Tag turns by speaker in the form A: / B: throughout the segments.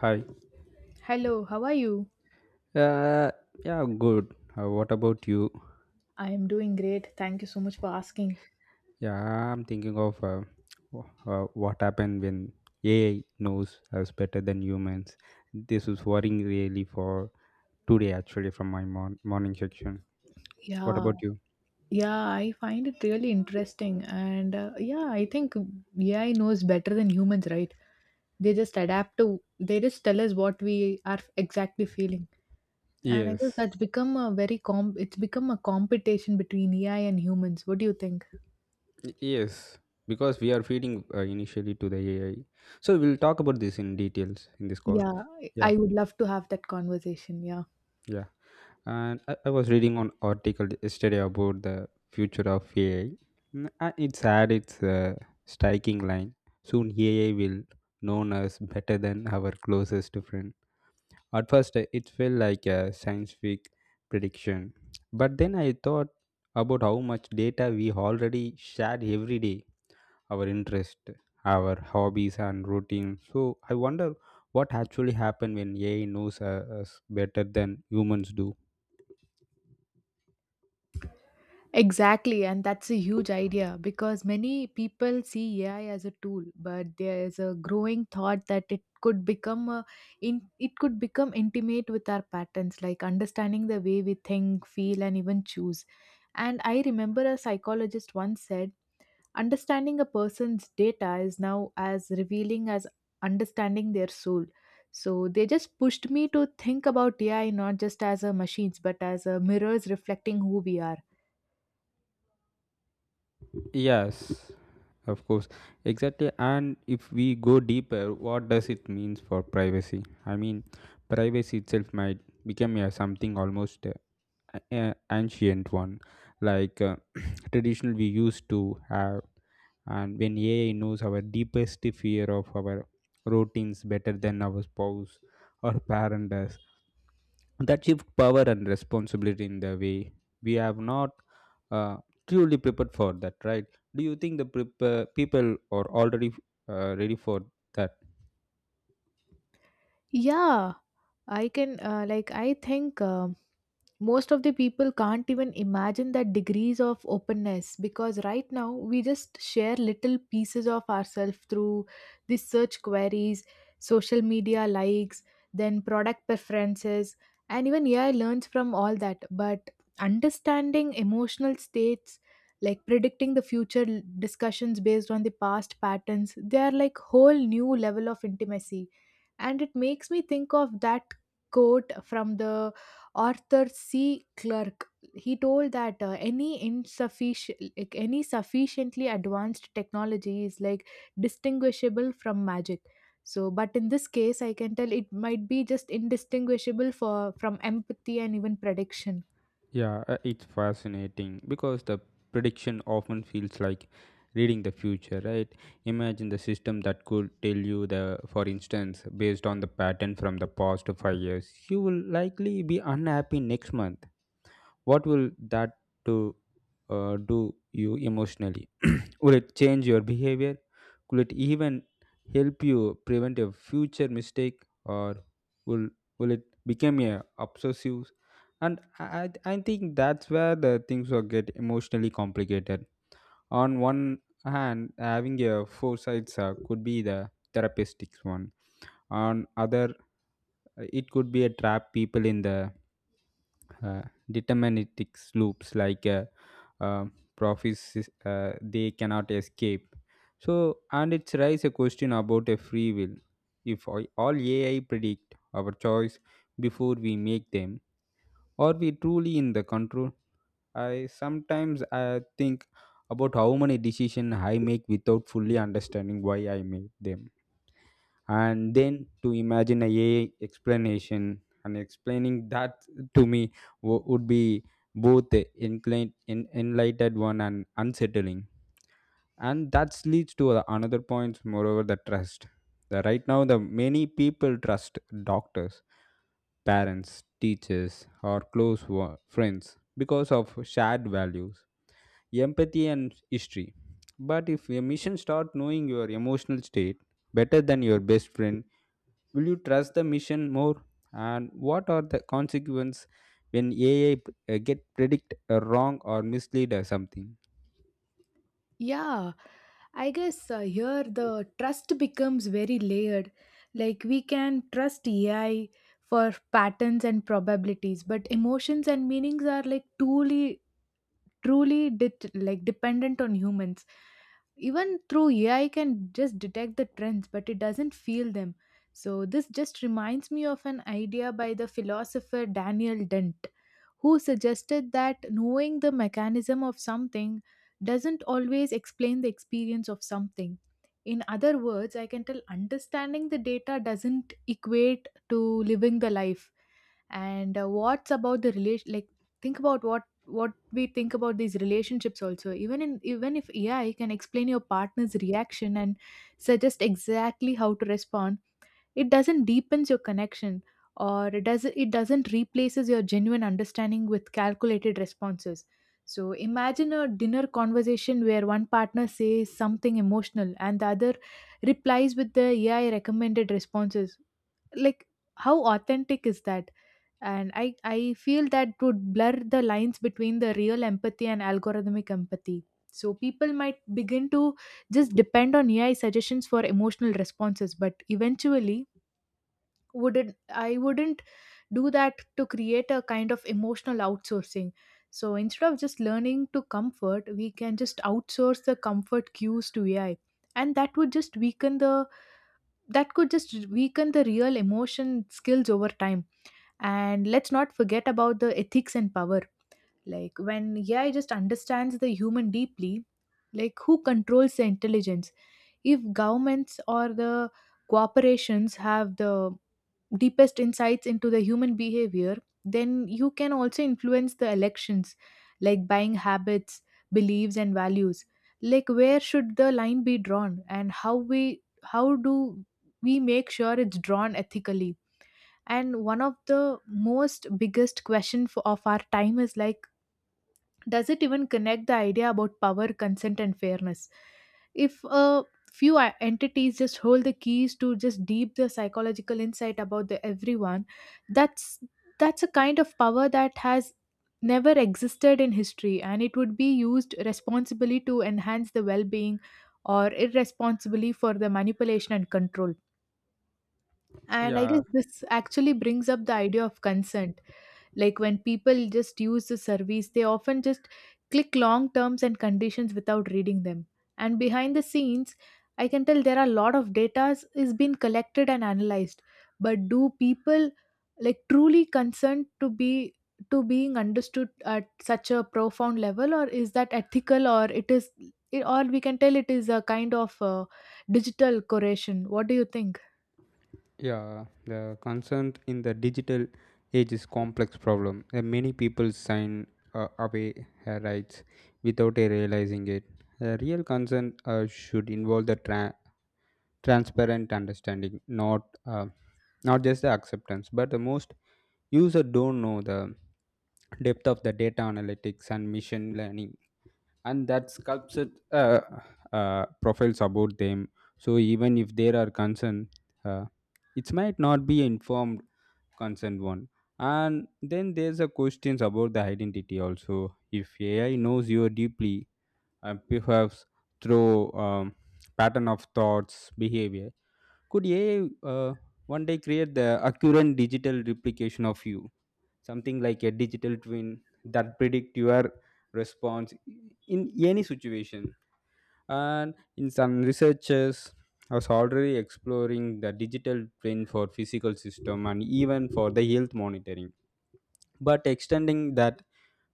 A: Hi.
B: Hello, how are you?
A: Uh, yeah, good. What about you?
B: I am doing great. Thank you so much for asking.
A: Yeah, I'm thinking of what happened when AI knows us better than humans. This is worrying really for today, actually, from my morning section. What
B: Yeah,
A: about you?
B: yeah, I find it really interesting. And yeah, I think AI knows better than humans, right? They just adapt to, they just tell us what we are exactly feeling. And I guess
A: Yes.
B: that's become a it's become a competition between AI and humans. What do you think?
A: Yes. Because we are feeding initially to the AI. So we'll talk about this in details in this call.
B: Yeah, I
A: Yeah.
B: I would love to have that conversation. Yeah.
A: Yeah. And I was reading an article yesterday about the future of AI. Mm, and it's had its striking line. Soon AI will known us better than our closest friend. At first, it felt like a science fiction prediction, but then I thought about how much data we already share every day, our interest, our hobbies, and routine. So I wonder what actually happened when AI knows us better than humans do.
B: Exactly, and that's a huge idea because many people see AI as a tool, but there is a growing thought that it could become a, in it could become intimate with our patterns, like understanding the way we think, feel, and even choose. And I remember a psychologist once said, understanding a person's data is now as revealing as understanding their soul. So they just pushed me to think about AI not just as a machines, but as a mirrors reflecting who we are.
A: Yes, of course, exactly. And if we go deeper, what does it means for privacy? I mean, privacy itself might become a something almost ancient one, like uh, traditional we used to have. And when AI knows our deepest fear of our routines better than our spouse or parent does, that shift power and responsibility in the way we have not uh, truly prepared for that, right? Do you think people are already ready for that?
B: Yeah, I can like I think most of the people can't even imagine that degrees of openness because right now we just share little pieces of ourselves through these search queries, social media likes, then product preferences, and even AI learns from all that. But understanding emotional states, like predicting the discussions based on the past patterns, they are like whole new level of intimacy. And it makes me think of that quote from the Arthur C. Clarke. He told that any insufficient, like any sufficiently advanced technology is like distinguishable from magic. So, but in this case, I can tell it might be just indistinguishable for from empathy and even prediction.
A: Yeah it's fascinating because the prediction often feels like reading the future, right? Imagine the system that could tell you, the for instance based on the pattern from the past 5 years you will likely be unhappy next month. What will that to do you emotionally? Will it change your behavior? Could it even help you prevent a future mistake? Or will will it become a obsessive? And I think that's where the things will get emotionally complicated. On one hand, having a foresight could be the therapeutic one. On other, it could be a trap people in the uh, deterministic loops like uh, prophecies they cannot escape. So and it's raise a question about a free will. If all ai predict our choice before we make them, are we truly in the control? I sometimes I think about how many decisions I make without fully understanding why I made them. And then to imagine a AI explanation and explaining that to me would be both enlightened one and unsettling. And that leads to the another point, moreover, the trust. Right now, the many people trust doctors, parents, teachers, or close friends because of shared values, empathy, and history. But if a mission start knowing your emotional state better than your best friend, will you trust the mission more? And what are the consequences when AI get predict wrong or mislead or something?
B: Yeah, I guess here the trust becomes very layered. Like we can trust AI for patterns and probabilities, but emotions and meanings are like truly, like dependent on humans. Even through AI can just detect the trends, but it doesn't feel them. So this just reminds me of an idea by the philosopher Daniel Dent, who suggested that knowing the mechanism of something doesn't always explain the experience of something. In other words, I can tell understanding the data doesn't equate to living the life. And what's about the relation? Like, think about what we think about these relationships also even in even if AI can explain your partner's reaction and suggest exactly how to respond, it doesn't deepens your connection, or it does not, it doesn't replaces your genuine understanding with calculated responses. So imagine a dinner conversation where one partner says something emotional and the other replies with the AI recommended responses. Like, how authentic is that? And I feel that would blur the lines between the real empathy and algorithmic empathy. So people might begin to just depend on AI suggestions for emotional responses, but eventually wouldn't do that to create a kind of emotional outsourcing. So instead of just learning to comfort, we can just outsource the comfort cues to AI, and that would just weaken the, that could just weaken the real emotion skills over time. And let's not forget about the ethics and power. Like when AI just understands the human deeply, like who controls the intelligence? If governments or the corporations have the deepest insights into the human behavior, then you can also influence the elections, like buying habits, beliefs, and values. Like where should the line be drawn, and how do we make sure it's drawn ethically? And one of the most biggest question of our time is like, does it even connect the idea about power, consent, and fairness? If a few entities just hold the keys to just deep the psychological insight about the everyone, that's that's a kind of power that has never existed in history, and it would be used responsibly to enhance the well-being or irresponsibly for the manipulation and control. And I guess
A: Yeah,
B: this actually brings up the idea of consent. Like when people just use the service, they often just click long terms and conditions without reading them. And behind the scenes, I can tell there are a lot of data is being collected and analyzed. But do people like truly consent to be to being understood at such a profound level, or is that ethical, or it is, or we can tell it is a kind of digital curation? What do you think?
A: yeah. The concern in the digital age is complex problem. Many people sign away her rights without realizing it. The real concern should involve the transparent understanding, not not just the acceptance. But the most user don't know the depth of the data analytics and machine learning and that sculpted profiles about them. So even if there are concern, uh, it might not be informed consent one. And then there's a questions about the identity also. If ai knows you deeply and perhaps through pattern of thoughts behavior, could ai uh, one day create the accurate digital replication of you, something like a digital twin that predict your response in any situation? And in some researchers was already exploring the digital twin for physical system and even for the health monitoring. But extending that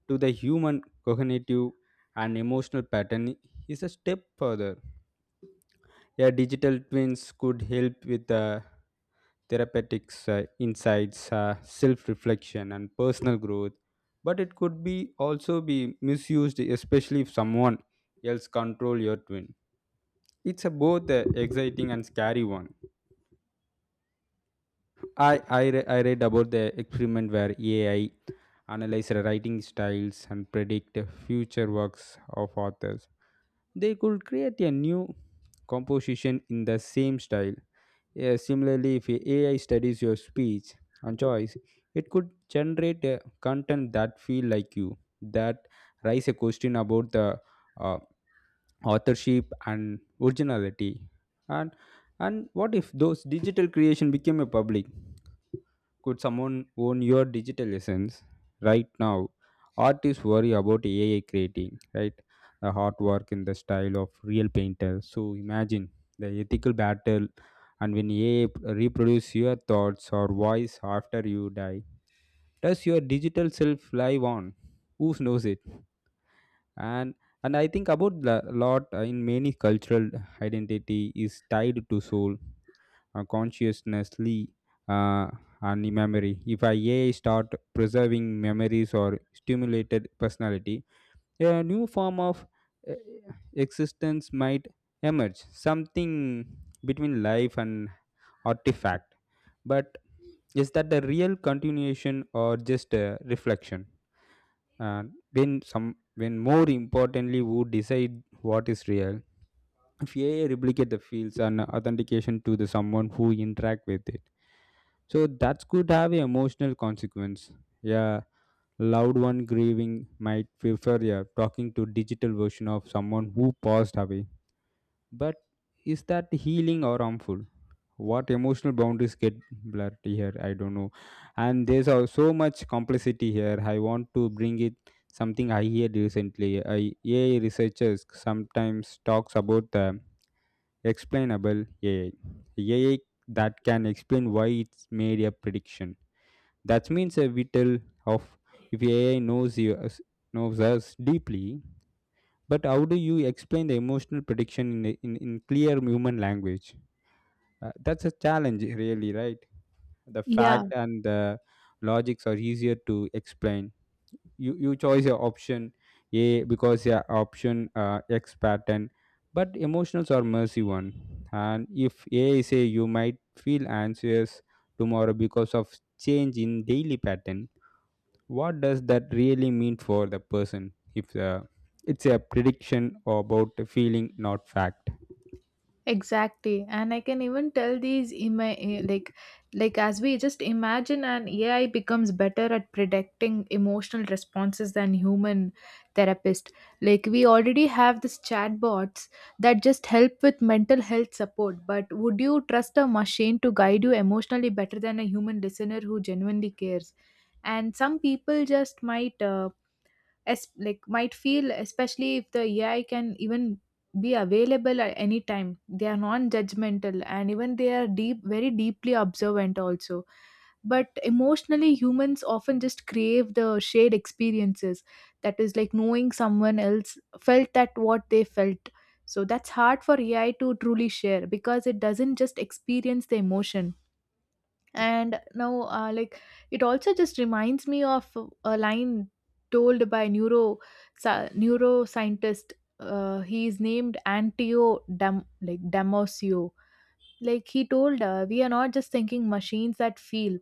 A: to the human cognitive and emotional pattern is a step further. A digital twins could help with the therapeutics insights, self-reflection, and personal growth. But it could be also be misused, especially if someone else control your twin. It's a both exciting and scary one. I I read about the experiment where AI analyzed writing styles and predict future works of authors. They could create a new composition in the same style. Yeah, similarly, if AI studies your speech and choice, it could generate content that feel like you, that raise a question about the uh, authorship and originality. And and what if those digital creation became a public? Could someone own your digital essence right now? Artists worry about AI creating, right? The artwork in the style of real painters. So imagine the ethical battle, and when AI reproduce your thoughts or voice after you die, does your digital self live on? Who knows it? And and I think about the lot in many cultural identity is tied to soul consciously uh, and memory. If I A I start preserving memories or stimulated personality, a new form of uh, existence might emerge, something between life and artifact. But is that the real continuation or just a reflection? And when some, when more importantly, who decide what is real? If AI replicate the fields and authentication to the someone who interact with it, so that could have a emotional consequence. Yeah, loved one grieving might prefer, yeah, talking to digital version of someone who passed away. But is that healing or harmful? What emotional boundaries get blurred here? I don't know. And there's so much complexity here. I want to bring it something I heard recently. I, AI researchers sometimes talks about the explainable AI. AI that can explain why it's made a prediction. That means a vital of if AI knows knows us deeply, but how do you explain the emotional prediction in in clear human language? That's a challenge, really, right? The
B: Yeah,
A: fact and the logics are easier to explain. You choose your option a because your option x pattern. But emotionals are mercy one. And if a is a you might feel anxious tomorrow because of change in daily pattern, what does that really mean for the person if it's a prediction about a feeling not fact?
B: exactly, and I can even tell these like as we just imagine an AI becomes better at predicting emotional responses than human therapist. Like we already have this chatbots that just help with mental health support, but would you trust a machine to guide you emotionally better than a human listener who genuinely cares? And some people just might as like might feel, especially if the AI can even be available at any time, they are non-judgmental, and even they are deep very deeply observant also. But emotionally, humans often just crave the shared experiences, that is like knowing someone else felt that what they felt. So that's hard for AI to truly share because it doesn't just experience the emotion. And now like it also just reminds me of a line told by neuroscientist, he is named antio Dam, like damosio. Like he told we are not just thinking machines that feel,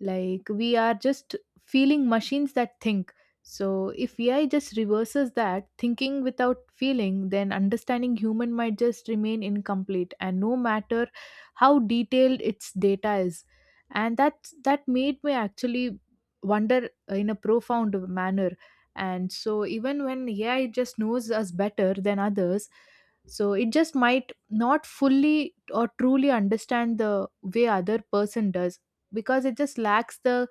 B: like we are just feeling machines that think. So if AI just reverses that thinking without feeling, then understanding human might just remain incomplete, and no matter how detailed its data is. And that made me actually wonder in a profound manner. And so even when AI just knows us better than others, so it just might not fully or truly understand the way other person does, because it just lacks the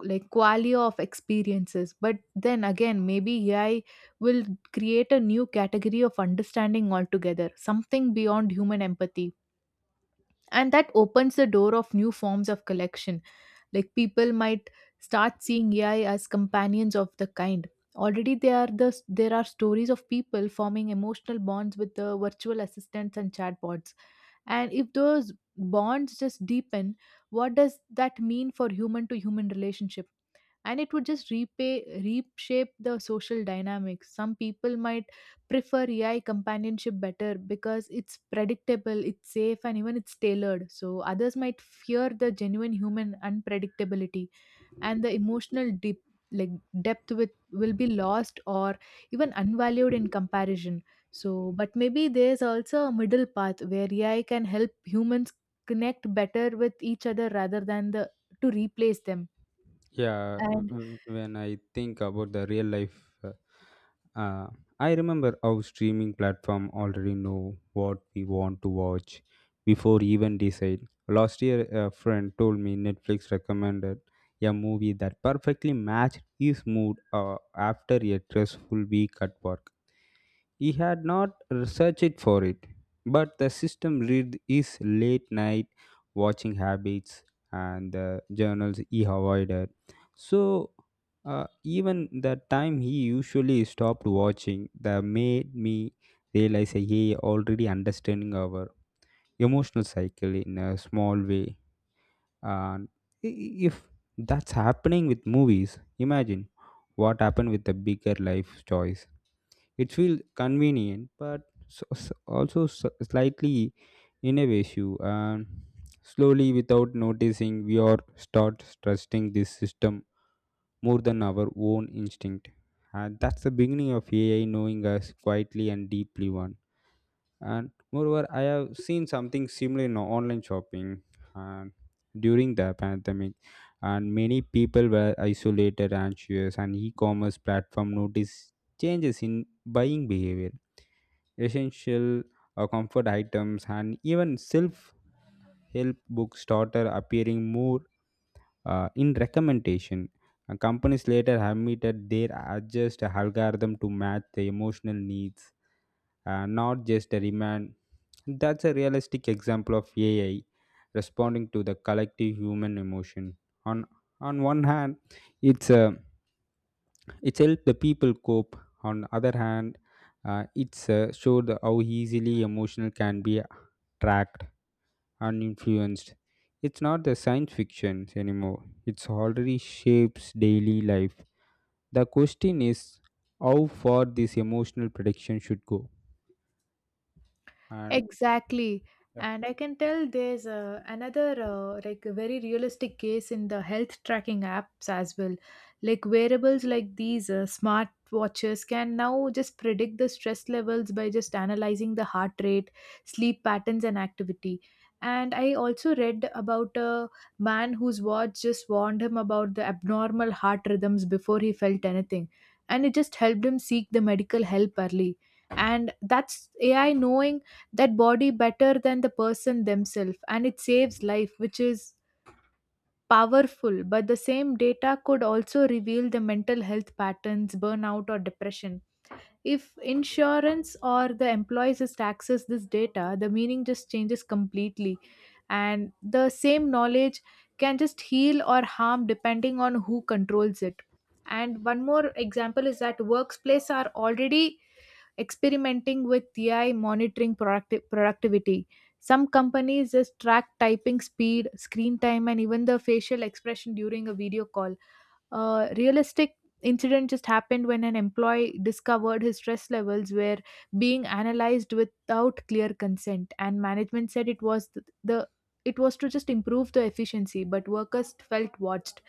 B: like quality of experiences. But then again, maybe AI will create a new category of understanding altogether, something beyond human empathy. And that opens the door of new forms of collection. Like people might start seeing AI as companions of the kind. Already there are stories of people forming emotional bonds with the virtual assistants and chatbots. And if those bonds just deepen, what does that mean for human to human relationship? And it would just repay reshape the social dynamics. Some people might prefer AI companionship better because it's predictable, it's safe, and even it's tailored. So others might fear the genuine human unpredictability, and the emotional deep like depth with will be lost or even unvalued in comparison. So but maybe there's also a middle path where AI can help humans connect better with each other rather than the to replace them. And
A: When I think about the real life, Uh, I remember how streaming platform already know what we want to watch before even decide. Last year, a friend told me Netflix recommended a movie that perfectly matched his mood after a stressful week at work. He had not researched for it, but the system read his late night watching habits and the journals he avoided. So even the time he usually stopped watching, that made me realize that he already understanding our emotional cycle in a small way. And if that's happening with movies, imagine what happened with the bigger life choice. It feels convenient, but also slightly ineffective. And slowly, without noticing, we are start trusting this system more than our own instinct. And that's the beginning of AI knowing us quietly and deeply. One, and moreover, I have seen something similar in online shopping. And during the pandemic, and many people were isolated anxious and e-commerce platform noticed changes in buying behavior. Essential comfort items and even self-help books started appearing more in recommendation. Companies later admitted they adjust algorithm to match the emotional needs, not just the demand. That's a realistic example of AI responding to the collective human emotion. On on one hand, it's a it's helped the people cope. On other hand, it's showed how easily emotional can be tracked and influenced. It's not the science fiction anymore. It's already shapes daily life. The question is how far this emotional prediction should go. And
B: exactly.
A: yeah.
B: And I can tell there's another like a very realistic case in the health tracking apps as well. Like wearables like these smart watches can now just predict the stress levels by just analyzing the heart rate, sleep patterns and activity. And I also read about a man whose watch just warned him about the abnormal heart rhythms before he felt anything. And it just helped him seek the medical help early. And that's AI knowing that body better than the person themselves, and it saves life, which is powerful. But the same data could also reveal the mental health patterns, burnout or depression. If insurance or the employees just access this data, the meaning just changes completely. And the same knowledge can just heal or harm depending on who controls it. And one more example is that workplaces are already experimenting with AI monitoring productivity. Some companies just track typing speed, screen time, and even the facial expression during a video call. A realistic incident just happened when an employee discovered his stress levels were being analyzed without clear consent, and management said it was th- the it was to just improve the efficiency, but workers felt watched.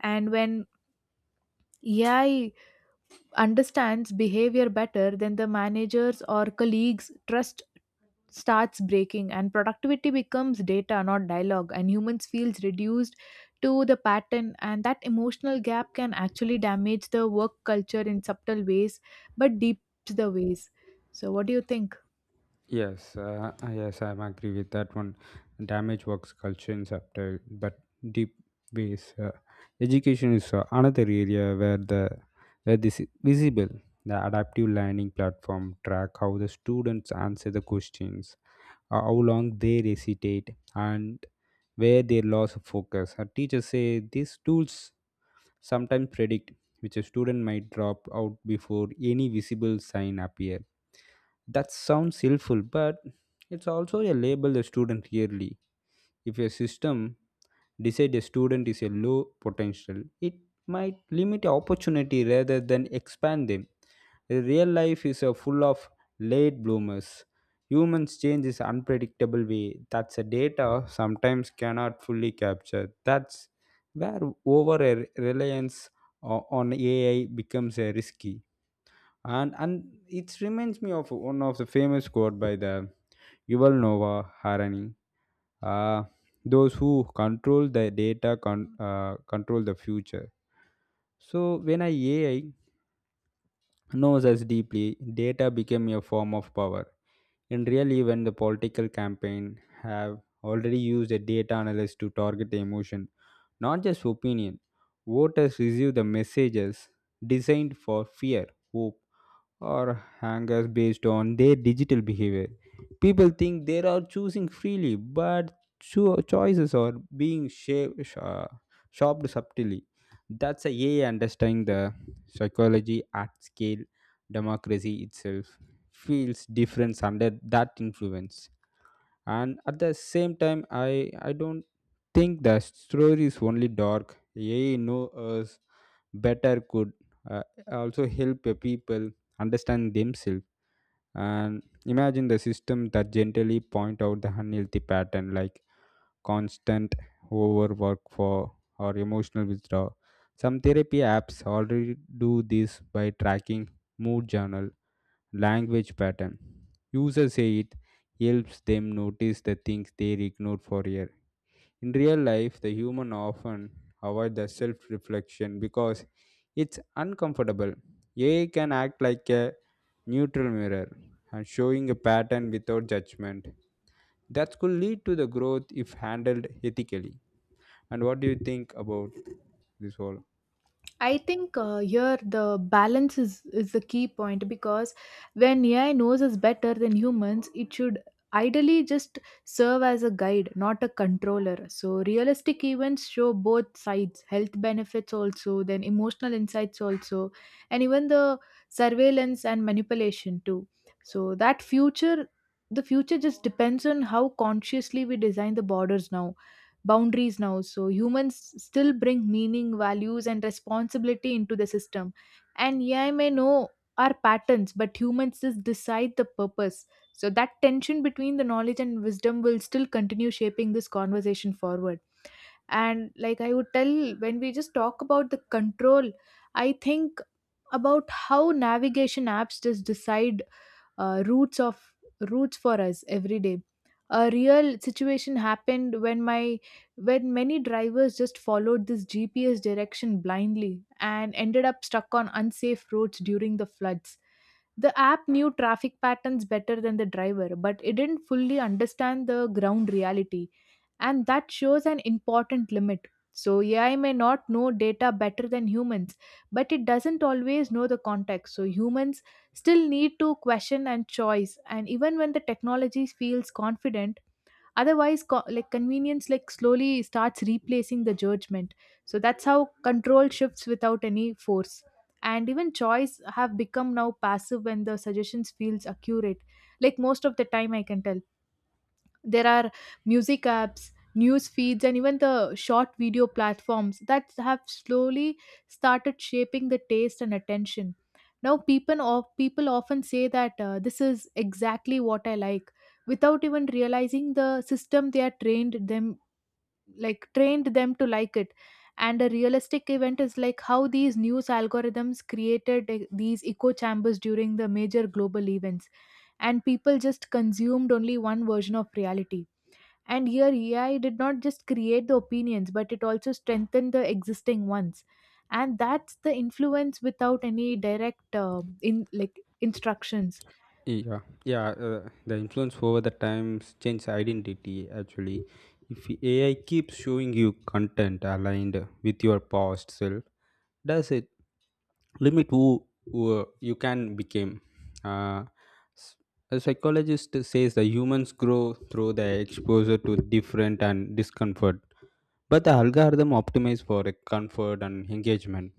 B: And when AI understands behavior better than the managers or colleagues, trust starts breaking, and productivity becomes data not dialogue, and humans feels reduced to the pattern. And that emotional gap can actually damage the work culture in subtle ways but deeps the ways. So what do you think?
A: Yes, yes, I agree with that one. Damage works culture in subtle but deep ways. Education is another area where the where this is visible. The adaptive learning platform track how the students answer the questions, how long they hesitate, and where they lost focus. Our teachers say these tools sometimes predict which a student might drop out before any visible sign appear. That sounds helpful, but it's also a label the student yearly. If your system decide a student is a low potential, it might limit opportunity rather than expand them. Real life is a full of late bloomers. Humans change in unpredictable way. That's a data sometimes cannot fully capture. That's where over a reliance on AI becomes a risky. And it reminds me of one of the famous quote by the Yuval Noah Harari, uh, those who control the data control the future. So when a ai knows us deeply, data became a form of power. And really when the political campaign have already used a data analyst to target emotion not just opinion, voters receive the messages designed for fear, hope, or hangers based on their digital behavior. People think they are choosing freely, but choices are being shaped, shaped subtly. That's a way understanding the psychology at scale. Democracy itself feels different under that influence. And at the same time, I don't think the story is only dark. AI know us better could uh, also help the people understand themselves and imagine the system that gently point out the unhealthy pattern like constant overwork for or emotional withdrawal. Some therapy apps already do this by tracking mood journal language pattern. Users say it helps them notice the things they ignored for years. In real life, the human often avoid the self-reflection because it's uncomfortable. AI can act like a neutral mirror and showing a pattern without judgment. That could lead to the growth if handled ethically. And what do you think about this whole?
B: I think here the balance is the key point, because when AI knows us better than humans, it should ideally just serve as a guide, not a controller. So, realistic events show both sides: health benefits, also, then emotional insights, also, and even the surveillance and manipulation, too. So, that future. The future just depends on how consciously we design the borders now boundaries now. So humans still bring meaning, values, and responsibility into the system. And AI may know our patterns, but humans just decide the purpose. So that tension between the knowledge and wisdom will still continue shaping this conversation forward. And I would tell, when we just talk about the control, I think about how navigation apps just decide uh, roots of roots for us every day. A real situation happened when my when many drivers just followed this gps direction blindly and ended up stuck on unsafe roads during the floods. The app knew traffic patterns better than the driver, but it didn't fully understand the ground reality, and that shows an important limit. So, AI may not know data better than humans, but it doesn't always know the context. So, humans still need to question and choice, and even when the technology feels confident, otherwise, like convenience, like slowly starts replacing the judgment. So, that's how control shifts without any force. And even choice have become now passive when the suggestions feels accurate. Like most of the time, I can tell. There are music apps, news feeds, and even the short video platforms that have slowly started shaping the taste and attention. Now, people often say that this is exactly what I like without even realizing the system they are trained them like trained them to like it. And a realistic event is like how these news algorithms created these echo chambers during the major global events, and people just consumed only one version of reality. And here AI did not just create the opinions, but it also strengthened the existing ones. And that's the influence without any direct in like instructions.
A: Yeah, yeah. The influence over the times changes identity. Actually, if AI keeps showing you content aligned with your past self, does it limit who you can become? Uh, s- a psychologist says the humans grow through the exposure to different and discomfort, but the algorithm optimizes for comfort and engagement.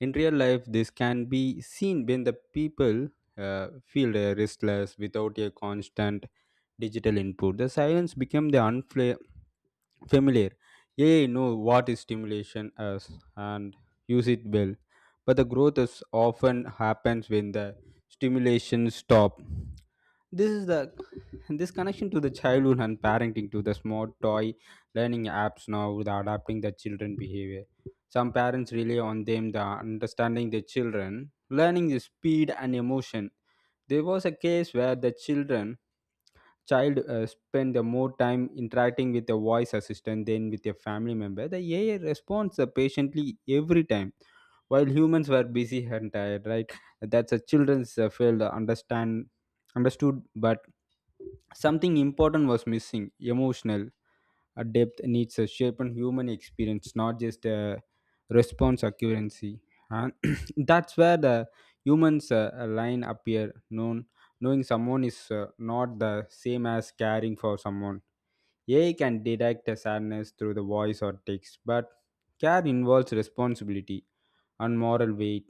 A: In real life this can be seen when the people feel restless without a constant digital input. The silence became the unfamiliar. AI know what is stimulation is and use it well, but the growth is often happens when the stimulation stop. this is the this connection to the childhood and parenting to the smart toy learning apps now the adapting the children behavior. Some parents rely on them the understanding the children learning the speed and emotion. There was a case where the child spent the more time interacting with the voice assistant than with a family member. The AI responds patiently every time while humans were busy and tired, right? That's a children's failed understand understood, but something important was missing. Emotional a depth needs a shape and human experience, not just a response accuracy. And that's where the humans line appear. Known Knowing someone is not the same as caring for someone. AI can detect a sadness through the voice or text, but care involves responsibility and moral weight.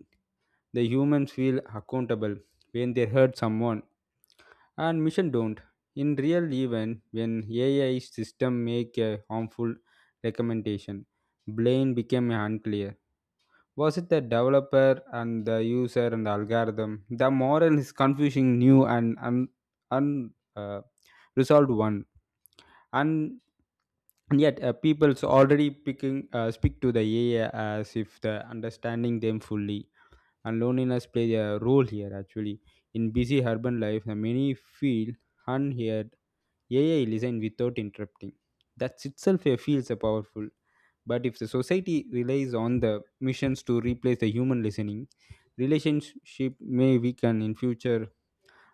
A: The humans feel accountable when they hurt someone, and mission don't. In real event, when AI system make a harmful recommendation, blame became unclear. Was it the developer and the user and the algorithm? The moral is confusing, new and un, uh, resolved one. And yet people's already picking speak to the AI as if the understanding them fully. And loneliness plays a role here actually. In busy urban life many feel unheard. AI listen without interrupting. That itself feels powerful. But if the society relies on the missions to replace the human listening, relationship may weaken in future.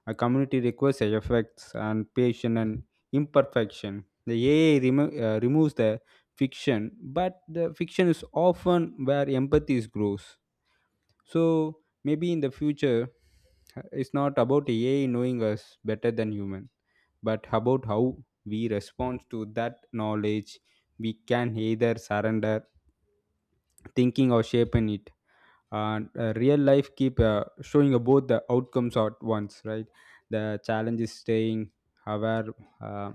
A: A community requires effects and patience and imperfection. The AI removes the fiction, but the fiction is often where empathy grows. So maybe in the future, it's not about AI knowing us better than human, but about how we respond to that knowledge. We can either surrender thinking or shape in it. And real life keep showing both the outcomes at once, right? The challenge is staying aware, uh,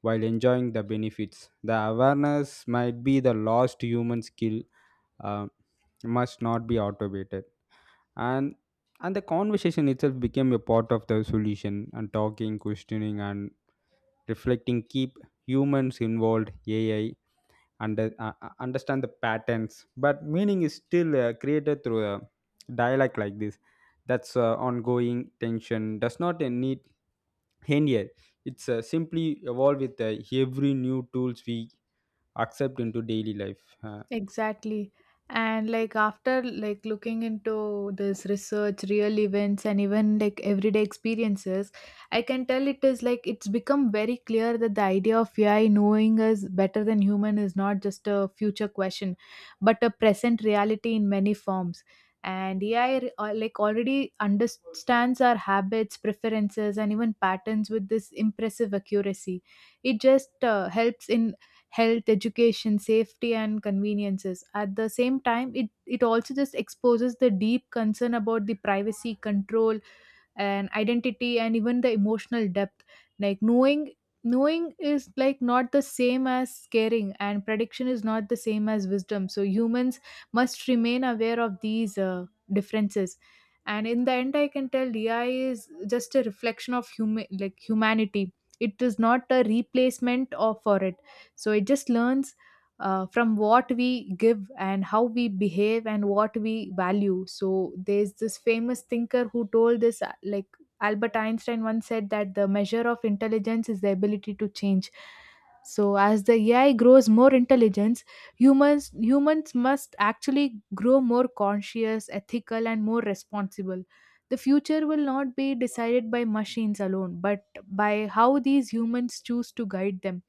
A: while enjoying the benefits. The awareness might be the lost human skill uh, must not be automated. And and the conversation itself became a part of the solution. And talking questioning and reflecting keep humans involved. AI understand the patterns, but meaning is still created through a dialect like this. That's ongoing tension does not need end yet. It's simply evolve with every new tools we accept into daily life. uh,
B: Exactly. And after looking into this research, real events, and even like everyday experiences, I can tell it is it's become very clear that the idea of AI knowing us better than human is not just a future question, but a present reality in many forms. And AI already understands our habits, preferences, and even patterns with this impressive accuracy. It just helps in health, education, safety, and conveniences. At the same time, it also just exposes the deep concern about the privacy, control, and identity, and even the emotional depth. Like knowing is like not the same as caring, and prediction is not the same as wisdom. So humans must remain aware of these differences. And in the end, I can tell AI is just a reflection of humanity. It is not a replacement of for it. So it just learns from what we give and how we behave and what we value. So there's this famous thinker who told this, Albert Einstein once said that the measure of intelligence is the ability to change. So as the AI grows more intelligence, humans must actually grow more conscious, ethical, and more responsible. The future will not be decided by machines alone, but by how these humans choose to guide them.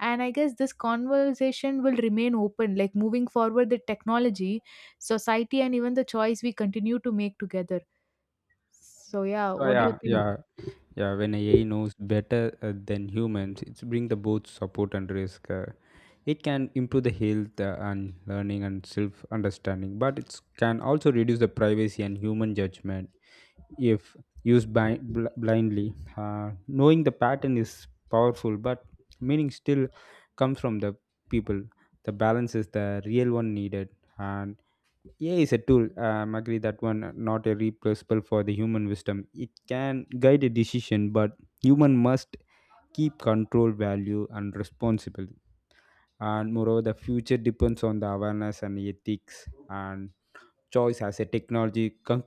B: And I guess this conversation will remain open, like moving forward the technology, society, and even the choice we continue to make together. So yeah,
A: so
B: what do you
A: yeah
B: think?
A: yeah yeah when AI knows better than humans, it's bring the both support and risk. It can improve the health and learning and self understanding, but it can also reduce the privacy and human judgment if used blindly. Knowing the pattern is powerful, but meaning still comes from the people. The balance is the real one needed. And AI is a tool. Agree that one not a replaceable for the human wisdom. It can guide a decision, but human must keep control, value, and responsibility. And moreover the future depends on the awareness and ethics and choice as a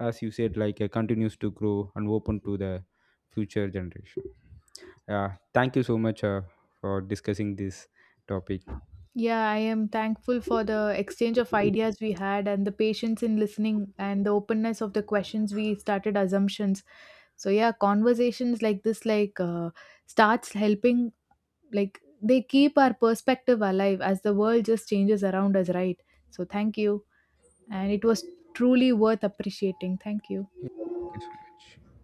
A: as you said, like continues to grow and open to the future generation. Yeah, thank you so much for discussing this topic.
B: Yeah, I am thankful for the exchange of ideas we had, and the patience in listening, and the openness of the questions we started assumptions. So yeah, conversations like this starts helping, like they keep our perspective alive as the world just changes around us, right? So thank you. And it was truly worth appreciating. Thank you.
A: Yeah, thank you so much.